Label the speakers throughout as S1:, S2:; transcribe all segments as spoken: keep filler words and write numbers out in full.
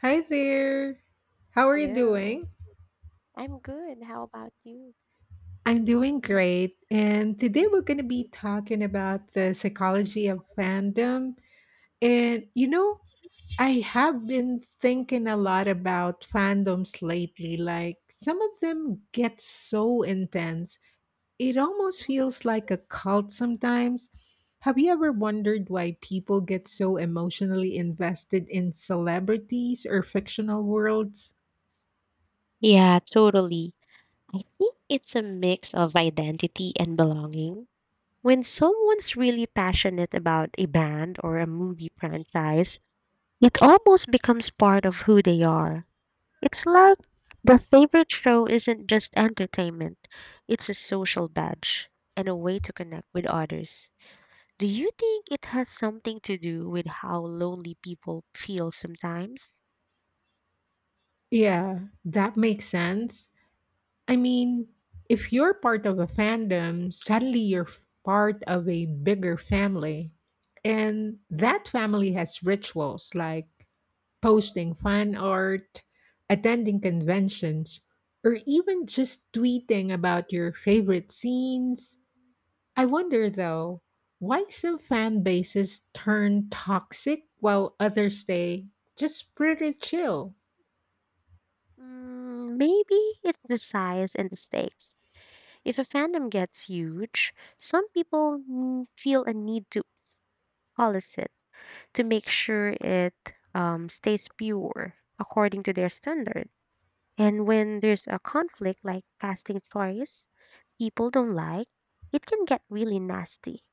S1: Hi
S2: Hi.
S1: there. How are you
S2: Hello.
S1: doing?
S2: I'm good. How about you?
S1: I'm doing great. And today we're going to be talking about the psychology of fandom. And you know, I have been thinking a lot about fandoms lately. Like some of them get so intense, it almost feels like a cult sometimes. Have you ever wondered why people get so emotionally invested in celebrities or fictional worlds?
S2: Yeah, totally. I think it's a mix of identity and belonging. When someone's really passionate about a band or a movie franchise, it almost becomes part of who they are. It's like the favorite show isn't just entertainment, it's a social badge and a way to connect with others. Do you think it has something to do with how lonely people feel sometimes?
S1: Yeah, that makes sense. I mean, if you're part of a fandom, suddenly you're part of a bigger family. And that family has rituals like posting fan art, attending conventions, or even just tweeting about your favorite scenes. I wonder though, why some fan bases turn toxic while others stay just pretty chill?
S2: Mm, maybe it's the size and the stakes. If a fandom gets huge, some people n- feel a need to police it to make sure it um, stays pure according to their standard. And when there's a conflict like casting choice people don't like, it can get really nasty.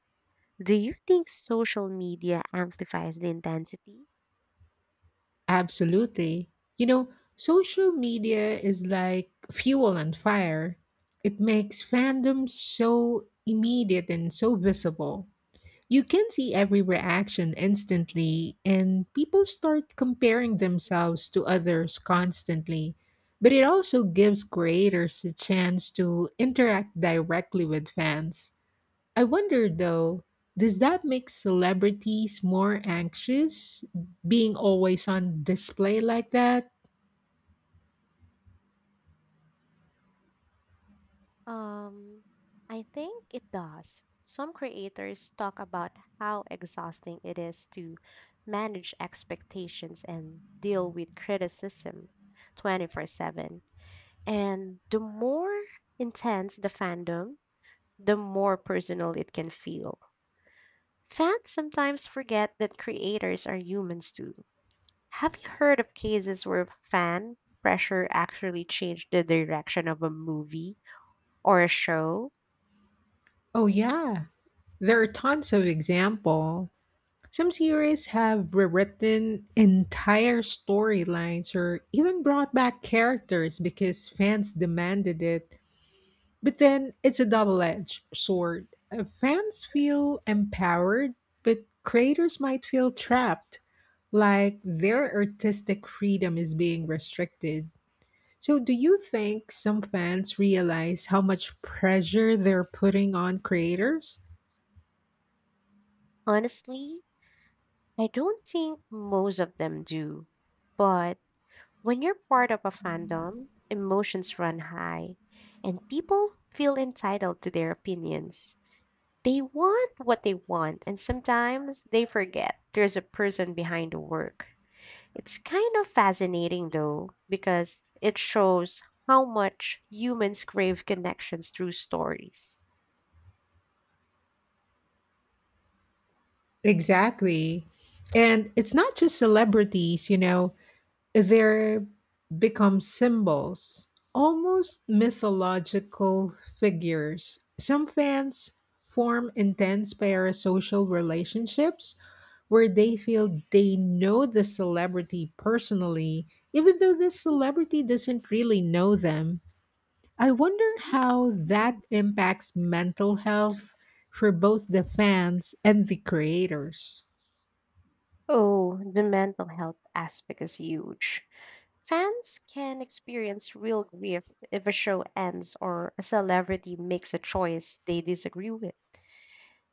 S2: Do you think social media amplifies the intensity?
S1: Absolutely. You know, social media is like fuel and fire. It makes fandom so immediate and so visible. You can see every reaction instantly, and people start comparing themselves to others constantly. But it also gives creators a chance to interact directly with fans. I wonder though, does that make celebrities more anxious being always on display like that?
S2: Um, I think it does. Some creators talk about how exhausting it is to manage expectations and deal with criticism twenty-four seven. And the more intense the fandom, the more personal it can feel. Fans sometimes forget that creators are humans too. Have you heard of cases where fan pressure actually changed the direction of a movie or a show?
S1: Oh, yeah. There are tons of example. Some series have rewritten entire storylines or even brought back characters because fans demanded it. But then it's a double edged sword. Uh, Fans feel empowered, but creators might feel trapped, like their artistic freedom is being restricted. So, do you think some fans realize how much pressure they're putting on creators?
S2: Honestly, I don't think most of them do, but when you're part of a fandom, emotions run high and people feel entitled to their opinions. They want what they want, and sometimes they forget there's a person behind the work. It's kind of fascinating though, because it shows how much humans crave connections through stories.
S1: Exactly. And it's not just celebrities, you know, they become symbols, almost mythological figures. Some fans form intense parasocial relationships where they feel they know the celebrity personally, even though the celebrity doesn't really know them. I wonder how that impacts mental health for both the fans and the creators.
S2: Oh, the mental health aspect is huge. Fans can experience real grief if a show ends or a celebrity makes a choice they disagree with.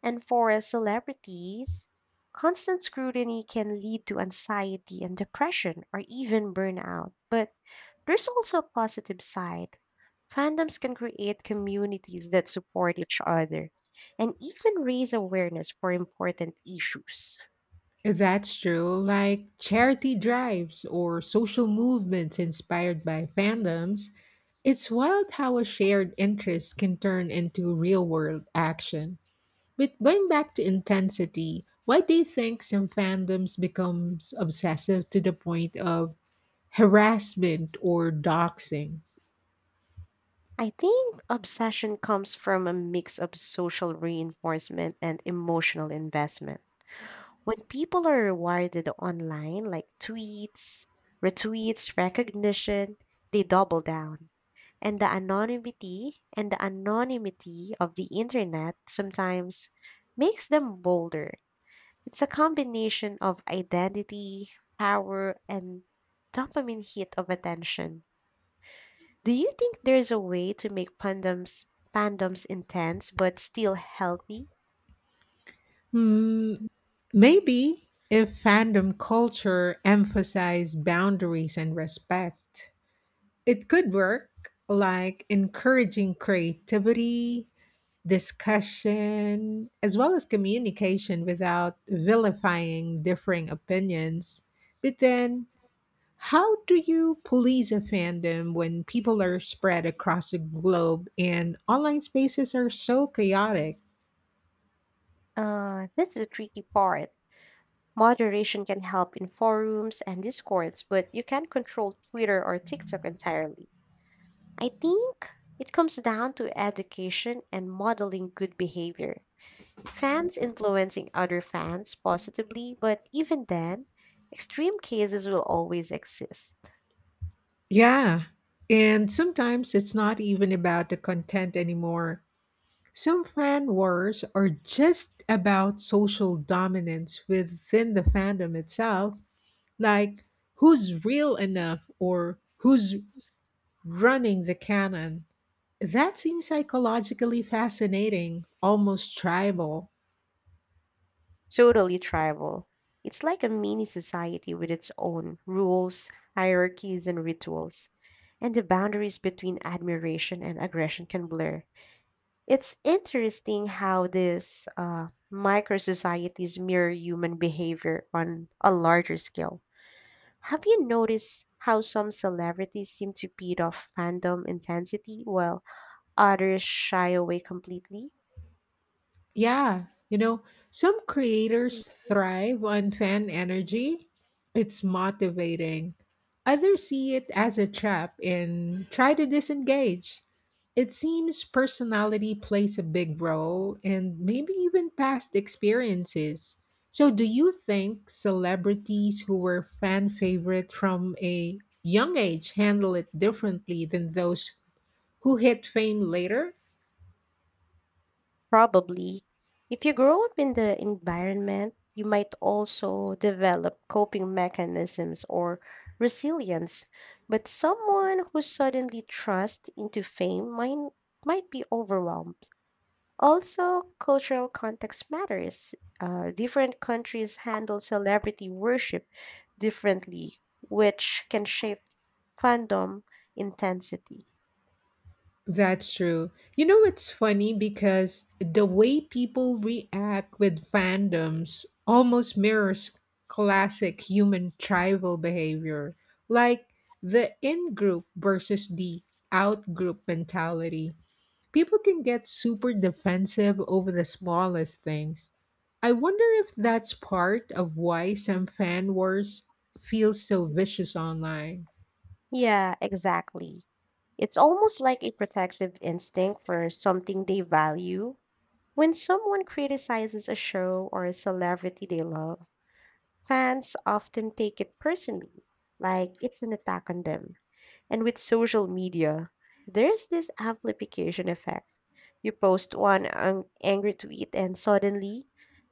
S2: And for celebrities, constant scrutiny can lead to anxiety and depression or even burnout. But there's also a positive side. Fandoms can create communities that support each other and even raise awareness for important issues.
S1: That's true. Like charity drives or social movements inspired by fandoms, it's wild how a shared interest can turn into real world action. But going back to intensity, why do you think some fandoms becomes obsessive to the point of harassment or doxing?
S2: I think obsession comes from a mix of social reinforcement and emotional investment. When people are rewarded online, like tweets, retweets, recognition, they double down. And the anonymity and the anonymity of the internet sometimes makes them bolder. It's a combination of identity, power, and dopamine hit of attention. Do you think there's a way to make fandoms fandoms intense but still healthy?
S1: Hmm, maybe if fandom culture emphasized boundaries and respect. It could work, like encouraging creativity, discussion, as well as communication without vilifying differing opinions. But then, how do you police a fandom when people are spread across the globe and online spaces are so chaotic?
S2: Uh, that's the tricky part. Moderation can help in forums and discords, but you can't control Twitter or TikTok entirely. I think it comes down to education and modeling good behavior. Fans influencing other fans positively, but even then, extreme cases will always exist.
S1: Yeah. And sometimes it's not even about the content anymore. Some fan wars are just about social dominance within the fandom itself, like who's real enough or who's running the canon. That seems psychologically fascinating, almost tribal.
S2: Totally tribal. It's like a mini society with its own rules, hierarchies, and rituals, and the boundaries between admiration and aggression can blur. It's interesting how these uh, micro societies mirror human behavior on a larger scale. Have you noticed how some celebrities seem to beat off fandom intensity while others shy away completely?
S1: Yeah, you know, some creators thrive on fan energy. It's motivating. Others see it as a trap and try to disengage. It seems personality plays a big role and maybe even past experiences. So, do you think celebrities who were fan favorite from a young age handle it differently than those who hit fame later?
S2: Probably. If you grow up in the environment, you might also develop coping mechanisms or resilience. But someone who suddenly trusts into fame might, might be overwhelmed. Also, cultural context matters. Uh, different countries handle celebrity worship differently, which can shape fandom intensity.
S1: That's true. You know, it's funny because the way people react with fandoms almost mirrors classic human tribal behavior, like the in group versus the out group mentality. People can get super defensive over the smallest things. I wonder if that's part of why some fan wars feel so vicious online.
S2: Yeah, exactly. It's almost like a protective instinct for something they value. When someone criticizes a show or a celebrity they love, fans often take it personally, like it's an attack on them. And with social media, there's this amplification effect. You post one um, angry tweet, and suddenly,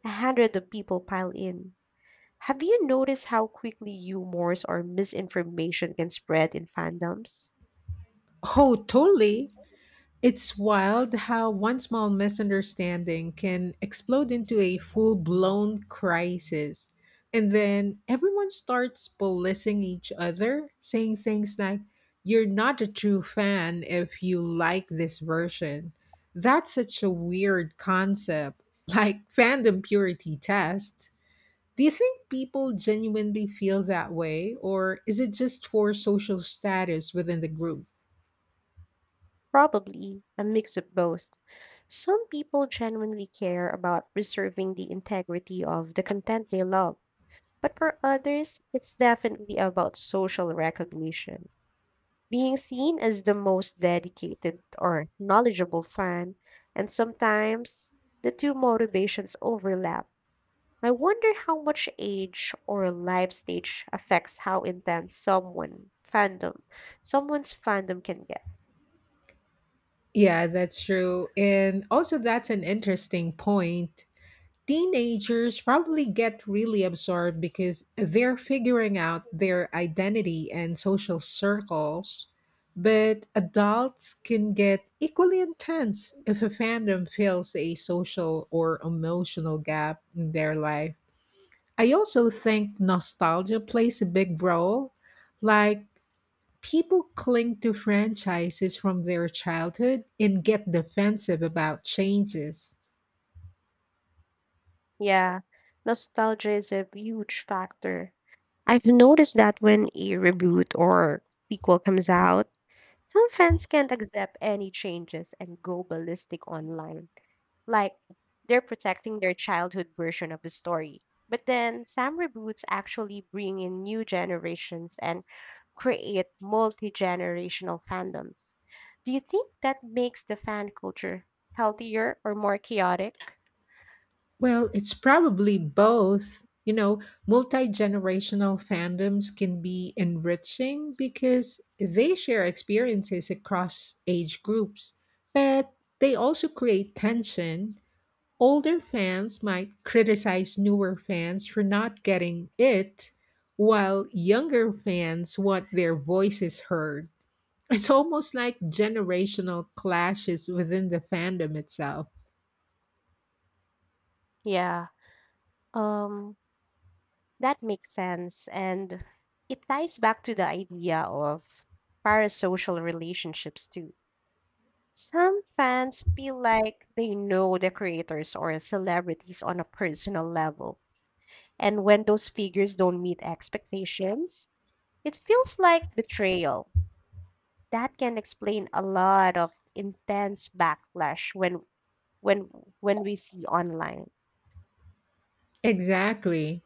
S2: a hundred of people pile in. Have you noticed how quickly humors or misinformation can spread in fandoms?
S1: Oh, totally. It's wild how one small misunderstanding can explode into a full blown crisis. And then everyone starts policing each other, saying things like, "You're not a true fan if you like this version." That's such a weird concept, like fandom purity test. Do you think people genuinely feel that way, or is it just for social status within the group?
S2: Probably a mix of both. Some people genuinely care about preserving the integrity of the content they love, but for others, it's definitely about social recognition. Being seen as the most dedicated or knowledgeable fan, and sometimes the two motivations overlap. I wonder how much age or life stage affects how intense someone fandom someone's fandom can get.
S1: Yeah, that's true. And also, that's an interesting point. Teenagers probably get really absorbed because they're figuring out their identity and social circles. But adults can get equally intense if a fandom fills a social or emotional gap in their life. I also think nostalgia plays a big role. Like, people cling to franchises from their childhood and get defensive about changes.
S2: Yeah, nostalgia is a huge factor. I've noticed that when a reboot or sequel comes out, some fans can't accept any changes and go ballistic online. Like, they're protecting their childhood version of the story. But then some reboots actually bring in new generations and create multi generational fandoms. Do you think that makes the fan culture healthier or more chaotic?
S1: Well, it's probably both. You know, multi generational fandoms can be enriching because they share experiences across age groups, but they also create tension. Older fans might criticize newer fans for not getting it, while younger fans want their voices heard. It's almost like generational clashes within the fandom itself.
S2: Yeah. Um, That makes sense. And it ties back to the idea of parasocial relationships, too. Some fans feel like they know the creators or celebrities on a personal level. And when those figures don't meet expectations, it feels like betrayal. That can explain a lot of intense backlash when when when we see online.
S1: Exactly.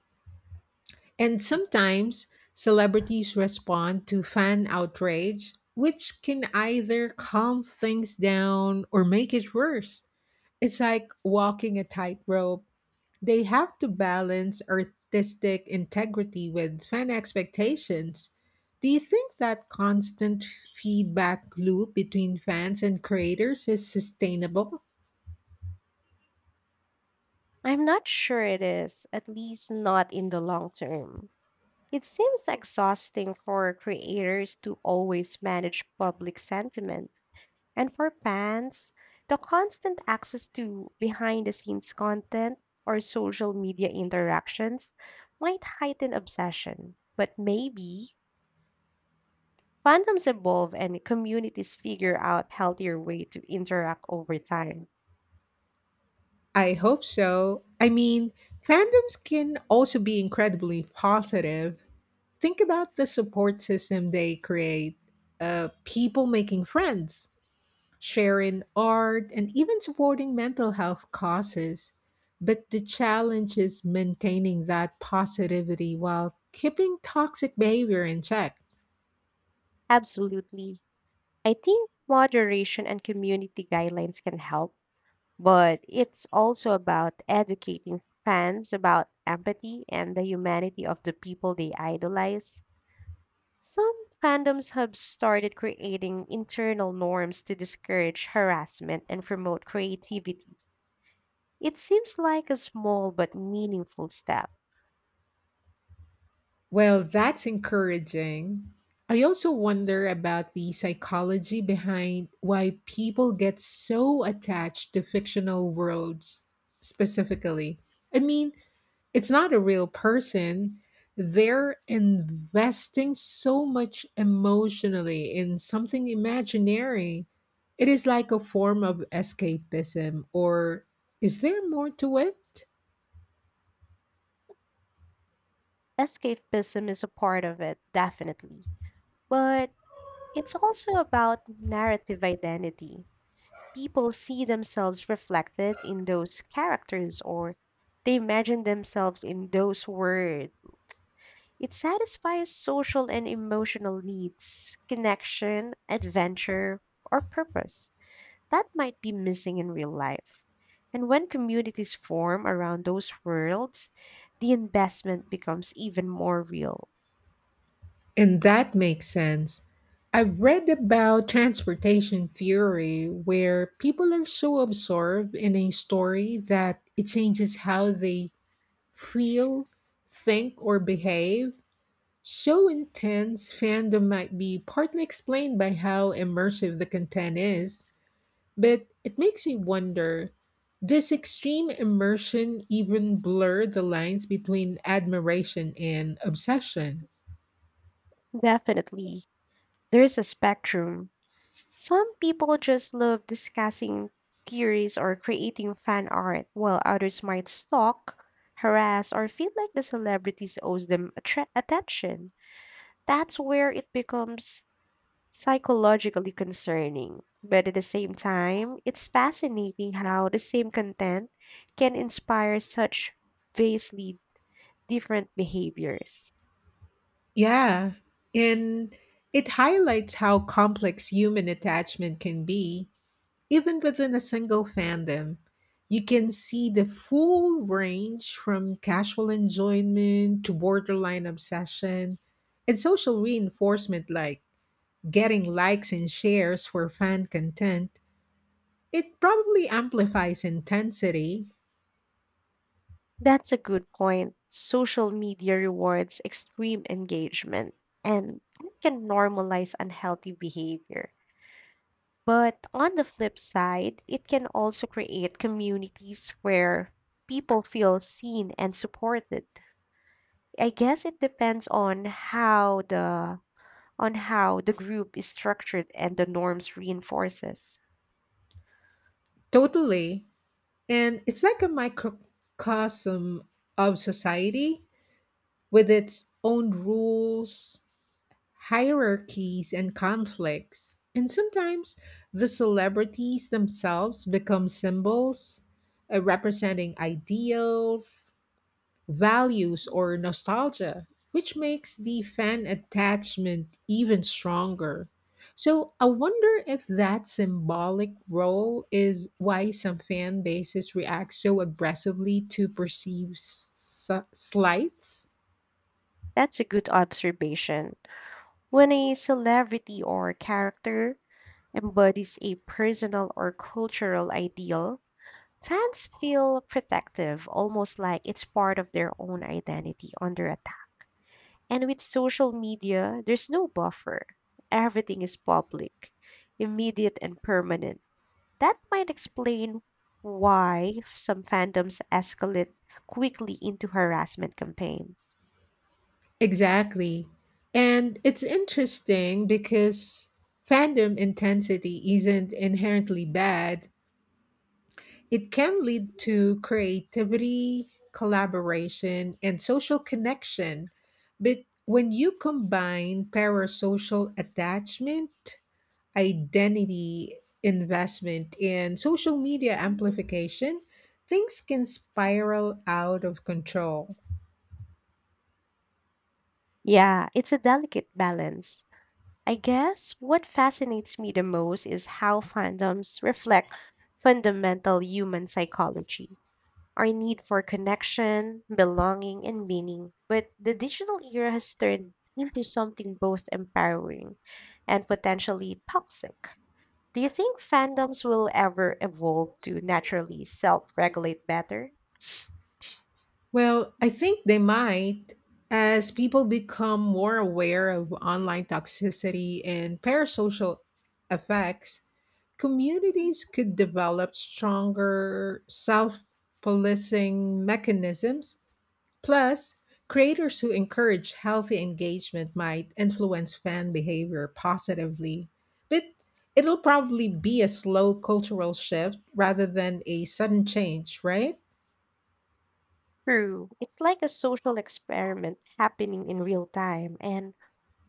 S1: And sometimes celebrities respond to fan outrage, which can either calm things down or make it worse. It's like walking a tightrope. They have to balance artistic integrity with fan expectations. Do you think that constant feedback loop between fans and creators is sustainable?
S2: I'm not sure it is, at least not in the long term. It seems exhausting for creators to always manage public sentiment. And for fans, the constant access to behind the scenes content or social media interactions might heighten obsession. But maybe fandoms evolve and communities figure out healthier way to interact over time.
S1: I hope so. I mean, fandoms can also be incredibly positive. Think about the support system they create, uh, people making friends, sharing art, and even supporting mental health causes. But the challenge is maintaining that positivity while keeping toxic behavior in check.
S2: Absolutely. I think moderation and community guidelines can help but it's also about educating fans about empathy and the humanity of the people they idolize. Some fandoms have started creating internal norms to discourage harassment and promote creativity. It seems like a small but meaningful step.
S1: Well, that's encouraging. I also wonder about the psychology behind why people get so attached to fictional worlds specifically. I mean, it's not a real person. They're investing so much emotionally in something imaginary. It is like a form of escapism, or is there more to it?
S2: Escapism is a part of it, definitely. But it's also about narrative identity. People see themselves reflected in those characters or they imagine themselves in those words. It satisfies social and emotional needs, connection, adventure, or purpose that might be missing in real life. And when communities form around those worlds, the investment becomes even more real.
S1: And that makes sense. I've read about transportation theory where people are so absorbed in a story that it changes how they feel, think, or behave. So intense fandom might be partly explained by how immersive the content is, but it makes me wonder, does extreme immersion even blur the lines between admiration and obsession?
S2: Definitely, there is a spectrum. Some people just love discussing theories or creating fan art, while others might stalk, harass, or feel like the celebrities owes them attra- attention. That's where it becomes psychologically concerning. But at the same time, it's fascinating how the same content can inspire such vastly different behaviors.
S1: Yeah, and it highlights how complex human attachment can be, even within a single fandom. You can see the full range from casual enjoyment to borderline obsession and social reinforcement like getting likes and shares for fan content. It probably amplifies intensity
S2: That's a good point. Social media rewards extreme engagement and it can normalize unhealthy behavior. But on the flip side, it can also create communities where people feel seen and supported. I guess it depends on how the on how the group is structured and the norms reinforces.
S1: totally, and it's like a microcosm of society with its own rules, hierarchies, and conflicts. And sometimes the celebrities themselves become symbols, uh, representing ideals, values, or nostalgia, which makes the fan attachment even stronger. So I wonder if that symbolic role is why some fan bases react so aggressively to perceived s- slights.
S2: That's a good observation. When a celebrity or character embodies a personal or cultural ideal, fans feel protective, almost like it's part of their own identity under attack. And with social media, there's no buffer. Everything is public, immediate, and permanent. That might explain why some fandoms escalate quickly into harassment campaigns.
S1: Exactly. And it's interesting because fandom intensity isn't inherently bad. It can lead to creativity, collaboration, and social connection. But when you combine parasocial attachment, identity investment, and social media amplification, things can spiral out of control.
S2: Yeah, it's a delicate balance. I guess what fascinates me the most is how fandoms reflect fundamental human psychology, our need for connection, belonging, and meaning. But the digital era has turned into something both empowering and potentially toxic. Do you think fandoms will ever evolve to naturally self regulate better?
S1: Well, I think they might. As people become more aware of online toxicity and parasocial effects, communities could develop stronger self policing mechanisms. Plus, creators who encourage healthy engagement might influence fan behavior positively. But it'll probably be a slow cultural shift rather than a sudden change, right?
S2: True. It's like a social experiment happening in real time, and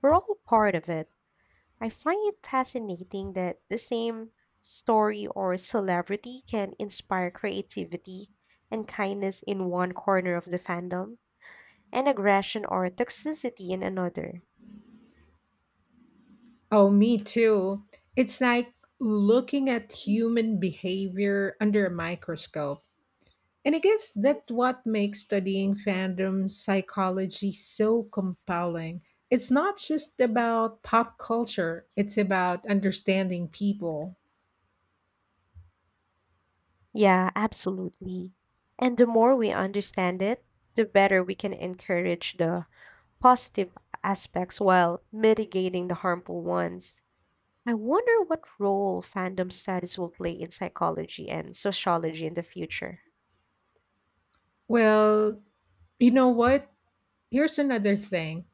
S2: we're all part of it. I find it fascinating that the same story or celebrity can inspire creativity and kindness in one corner of the fandom and aggression or toxicity in another.
S1: Oh, me too. It's like looking at human behavior under a microscope. And I guess that's what makes studying fandom psychology so compelling. It's not just about pop culture, it's about understanding people.
S2: Yeah, absolutely. And the more we understand it, the better we can encourage the positive aspects while mitigating the harmful ones. I wonder what role fandom studies will play in psychology and sociology in the future.
S1: Well, you know what? Here's another thing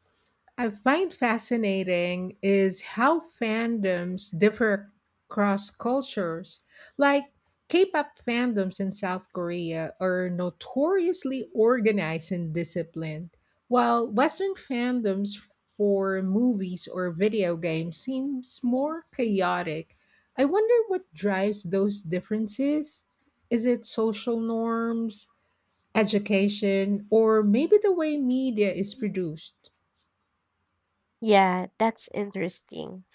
S1: I find fascinating is how fandoms differ across cultures. Like K-pop fandoms in South Korea are notoriously organized and disciplined, while Western fandoms for movies or video games seems more chaotic. I wonder what drives those differences. Is it social norms, education, or maybe the way media is produced?
S2: Yeah, that's interesting.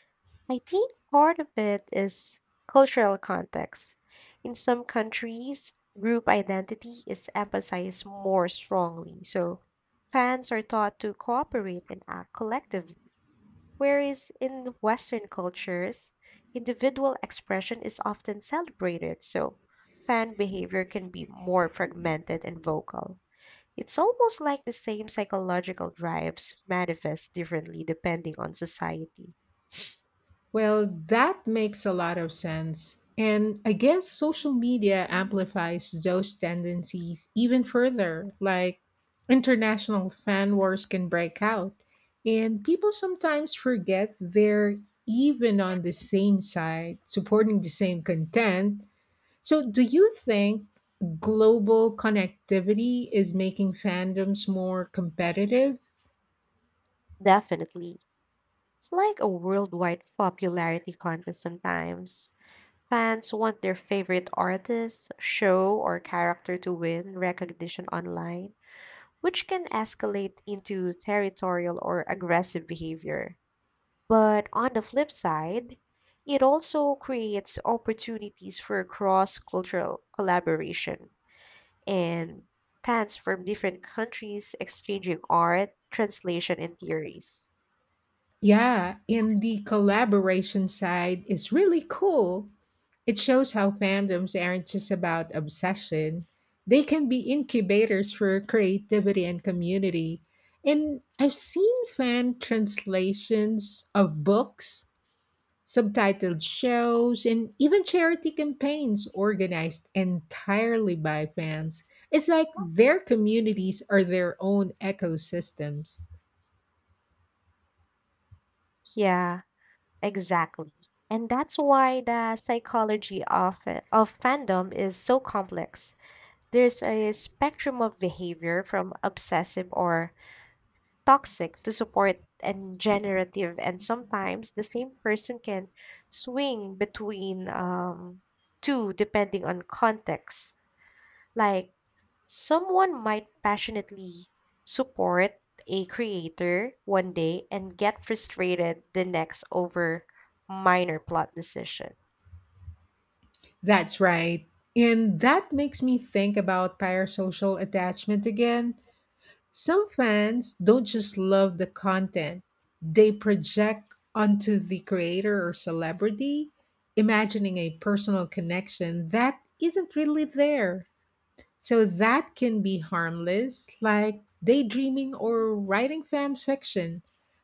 S2: I think part of it is cultural context. In some countries, group identity is emphasized more strongly, so fans are taught to cooperate and act collectively. Whereas in Western cultures, individual expression is often celebrated, so fan behavior can be more fragmented and vocal. It's almost like the same psychological drives manifest differently depending on society.
S1: Well, that makes a lot of sense. And I guess social media
S2: Mm.
S1: amplifies those tendencies even further. Like international fan wars can break out, and people sometimes forget they're even on the same side, supporting the same content. So, do you think global connectivity is making fandoms more competitive?
S2: Definitely. It's like a worldwide popularity contest sometimes. Fans want their favorite artist, show, or character to win recognition online, which can escalate into territorial or aggressive behavior. But on the flip side, it also creates opportunities for cross cultural collaboration and fans from different countries exchanging art, translation, and theories.
S1: Yeah, and the collaboration side is really cool. It shows how fandoms aren't just about obsession, they can be incubators for creativity and community. And I've seen fan translations of books, subtitled shows, and even charity campaigns organized entirely by fans. It's like their communities are their own ecosystems.
S2: Yeah, exactly. And that's why the psychology of, it- of fandom is so complex. There's a spectrum of behavior from obsessive or toxic to support and generative, and sometimes the same person can swing between um, two depending on context. Like someone might passionately support a creator one day and get frustrated the next over minor plot decision.
S1: That's right. And that makes me think about parasocial attachment again. Some fans don't just love the content, they project onto the creator or celebrity, imagining a personal connection that isn't really there. So that can be harmless, like daydreaming or writing fan fiction,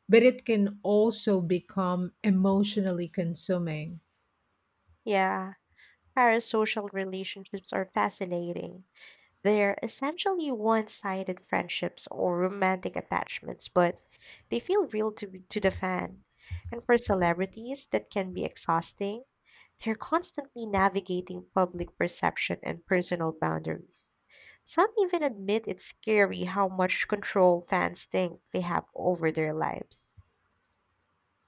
S1: but it can also become emotionally consuming.
S2: Yeah, parasocial relationships are fascinating. They're essentially one-sided friendships or romantic attachments, but they feel real to to the fan. And for celebrities, that can be exhausting. They're constantly navigating public perception and personal boundaries. Some even admit it's scary how much control fans think they have over their lives.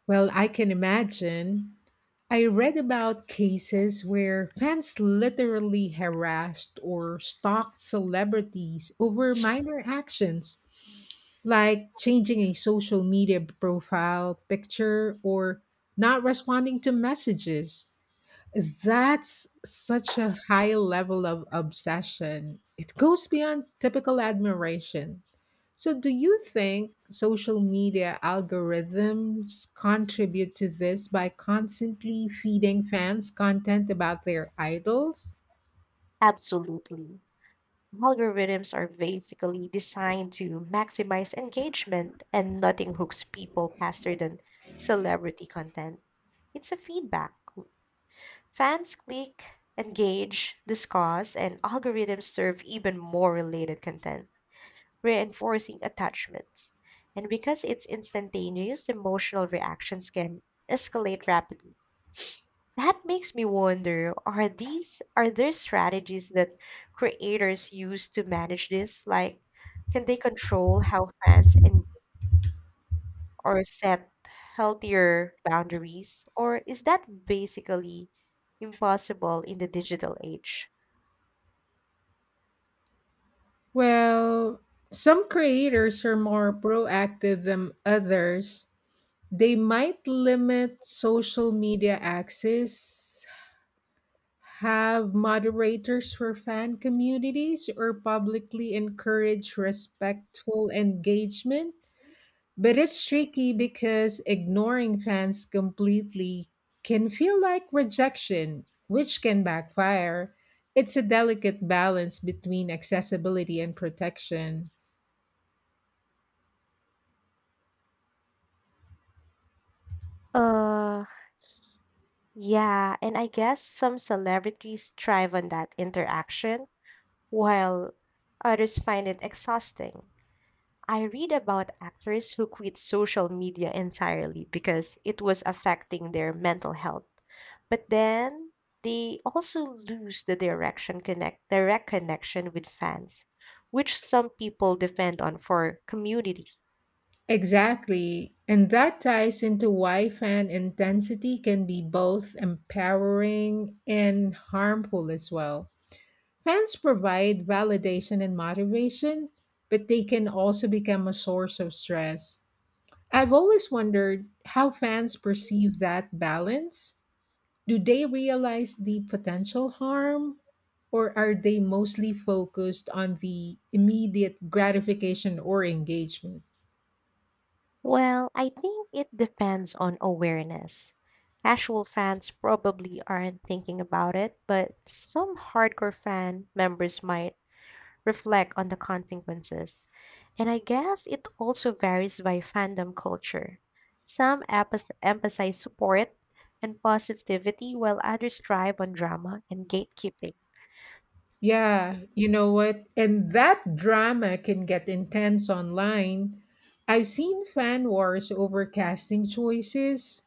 S1: Well, I can imagine. I read about cases where fans literally harassed or stalked celebrities over minor actions, like changing a social media profile picture or not responding to messages. That's such a high level of obsession. It goes beyond typical admiration. So, do you think social media algorithms contribute to this by constantly feeding fans content about their idols?
S2: Absolutely. Algorithms are basically designed to maximize engagement, and nothing hooks people faster than celebrity content. It's a feedback loop. Fans click, engage, discuss, and algorithms serve even more related content, reinforcing attachments. And because it's instantaneous, emotional reactions can escalate rapidly. That makes me wonder, are these are there strategies that creators use to manage this? Like can they control how fans engage or set healthier boundaries? Or is that basically impossible in the digital age?
S1: Well, some creators are more proactive than others. They might limit social media access, have moderators for fan communities or publicly encourage respectful engagement. But it's tricky because ignoring fans completely can feel like rejection, which can backfire. It's a delicate balance between accessibility and protection.
S2: Uh Yeah, and I guess some celebrities thrive on that interaction, while others find it exhausting. I read about actors who quit social media entirely because it was affecting their mental health. But then they also lose the direction connect direct connection with fans, which some people depend on for community.
S1: Exactly. And that ties into why fan intensity can be both empowering and harmful as well. Fans provide validation and motivation, but they can also become a source of stress. I've always wondered how fans perceive that balance. Do they realize the potential harm, or are they mostly focused on the immediate gratification or engagement?
S2: Well, I think it depends on awareness. Casual fans probably aren't thinking about it, but some hardcore fan members might reflect on the consequences. And I guess it also varies by fandom culture. Some emph- emphasize support and positivity, while others thrive on drama and gatekeeping.
S1: Yeah, you know what? And that drama can get intense online. I've seen fan wars over casting choices,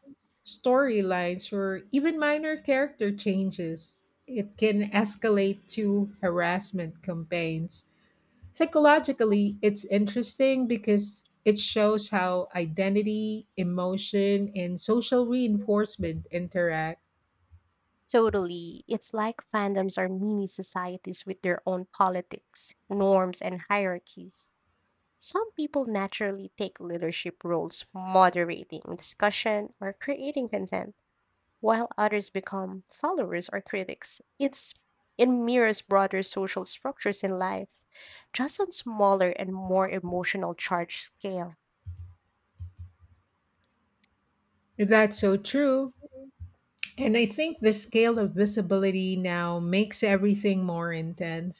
S1: storylines, or even minor character changes. It can escalate to harassment campaigns. Psychologically, it's interesting because it shows how identity, emotion, and social reinforcement interact.
S2: Totally. It's like fandoms are mini societies with their own politics, norms, and hierarchies. Some people naturally take leadership roles moderating discussion or creating content, while others become followers or critics. It's it mirrors broader social structures in life, just on smaller and more emotional charge scale.
S1: That's so true. And I think the scale of visibility now makes everything more intense.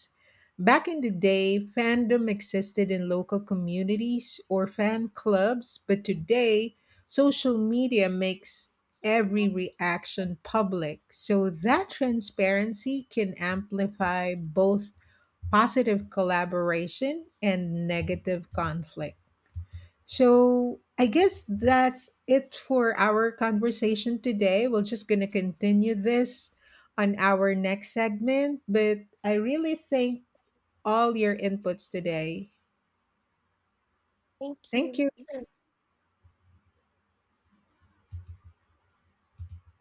S1: Back in the day, fandom existed in local communities or fan clubs, but today, social media makes
S2: Yes,
S1: every
S2: ma'am.
S1: reaction public. So that transparency can amplify both positive collaboration and negative conflict. So I guess that's it for our conversation today. We're just going to continue this on our next segment, but I really thank all your inputs today.
S2: Thank
S1: Thank you.
S2: you.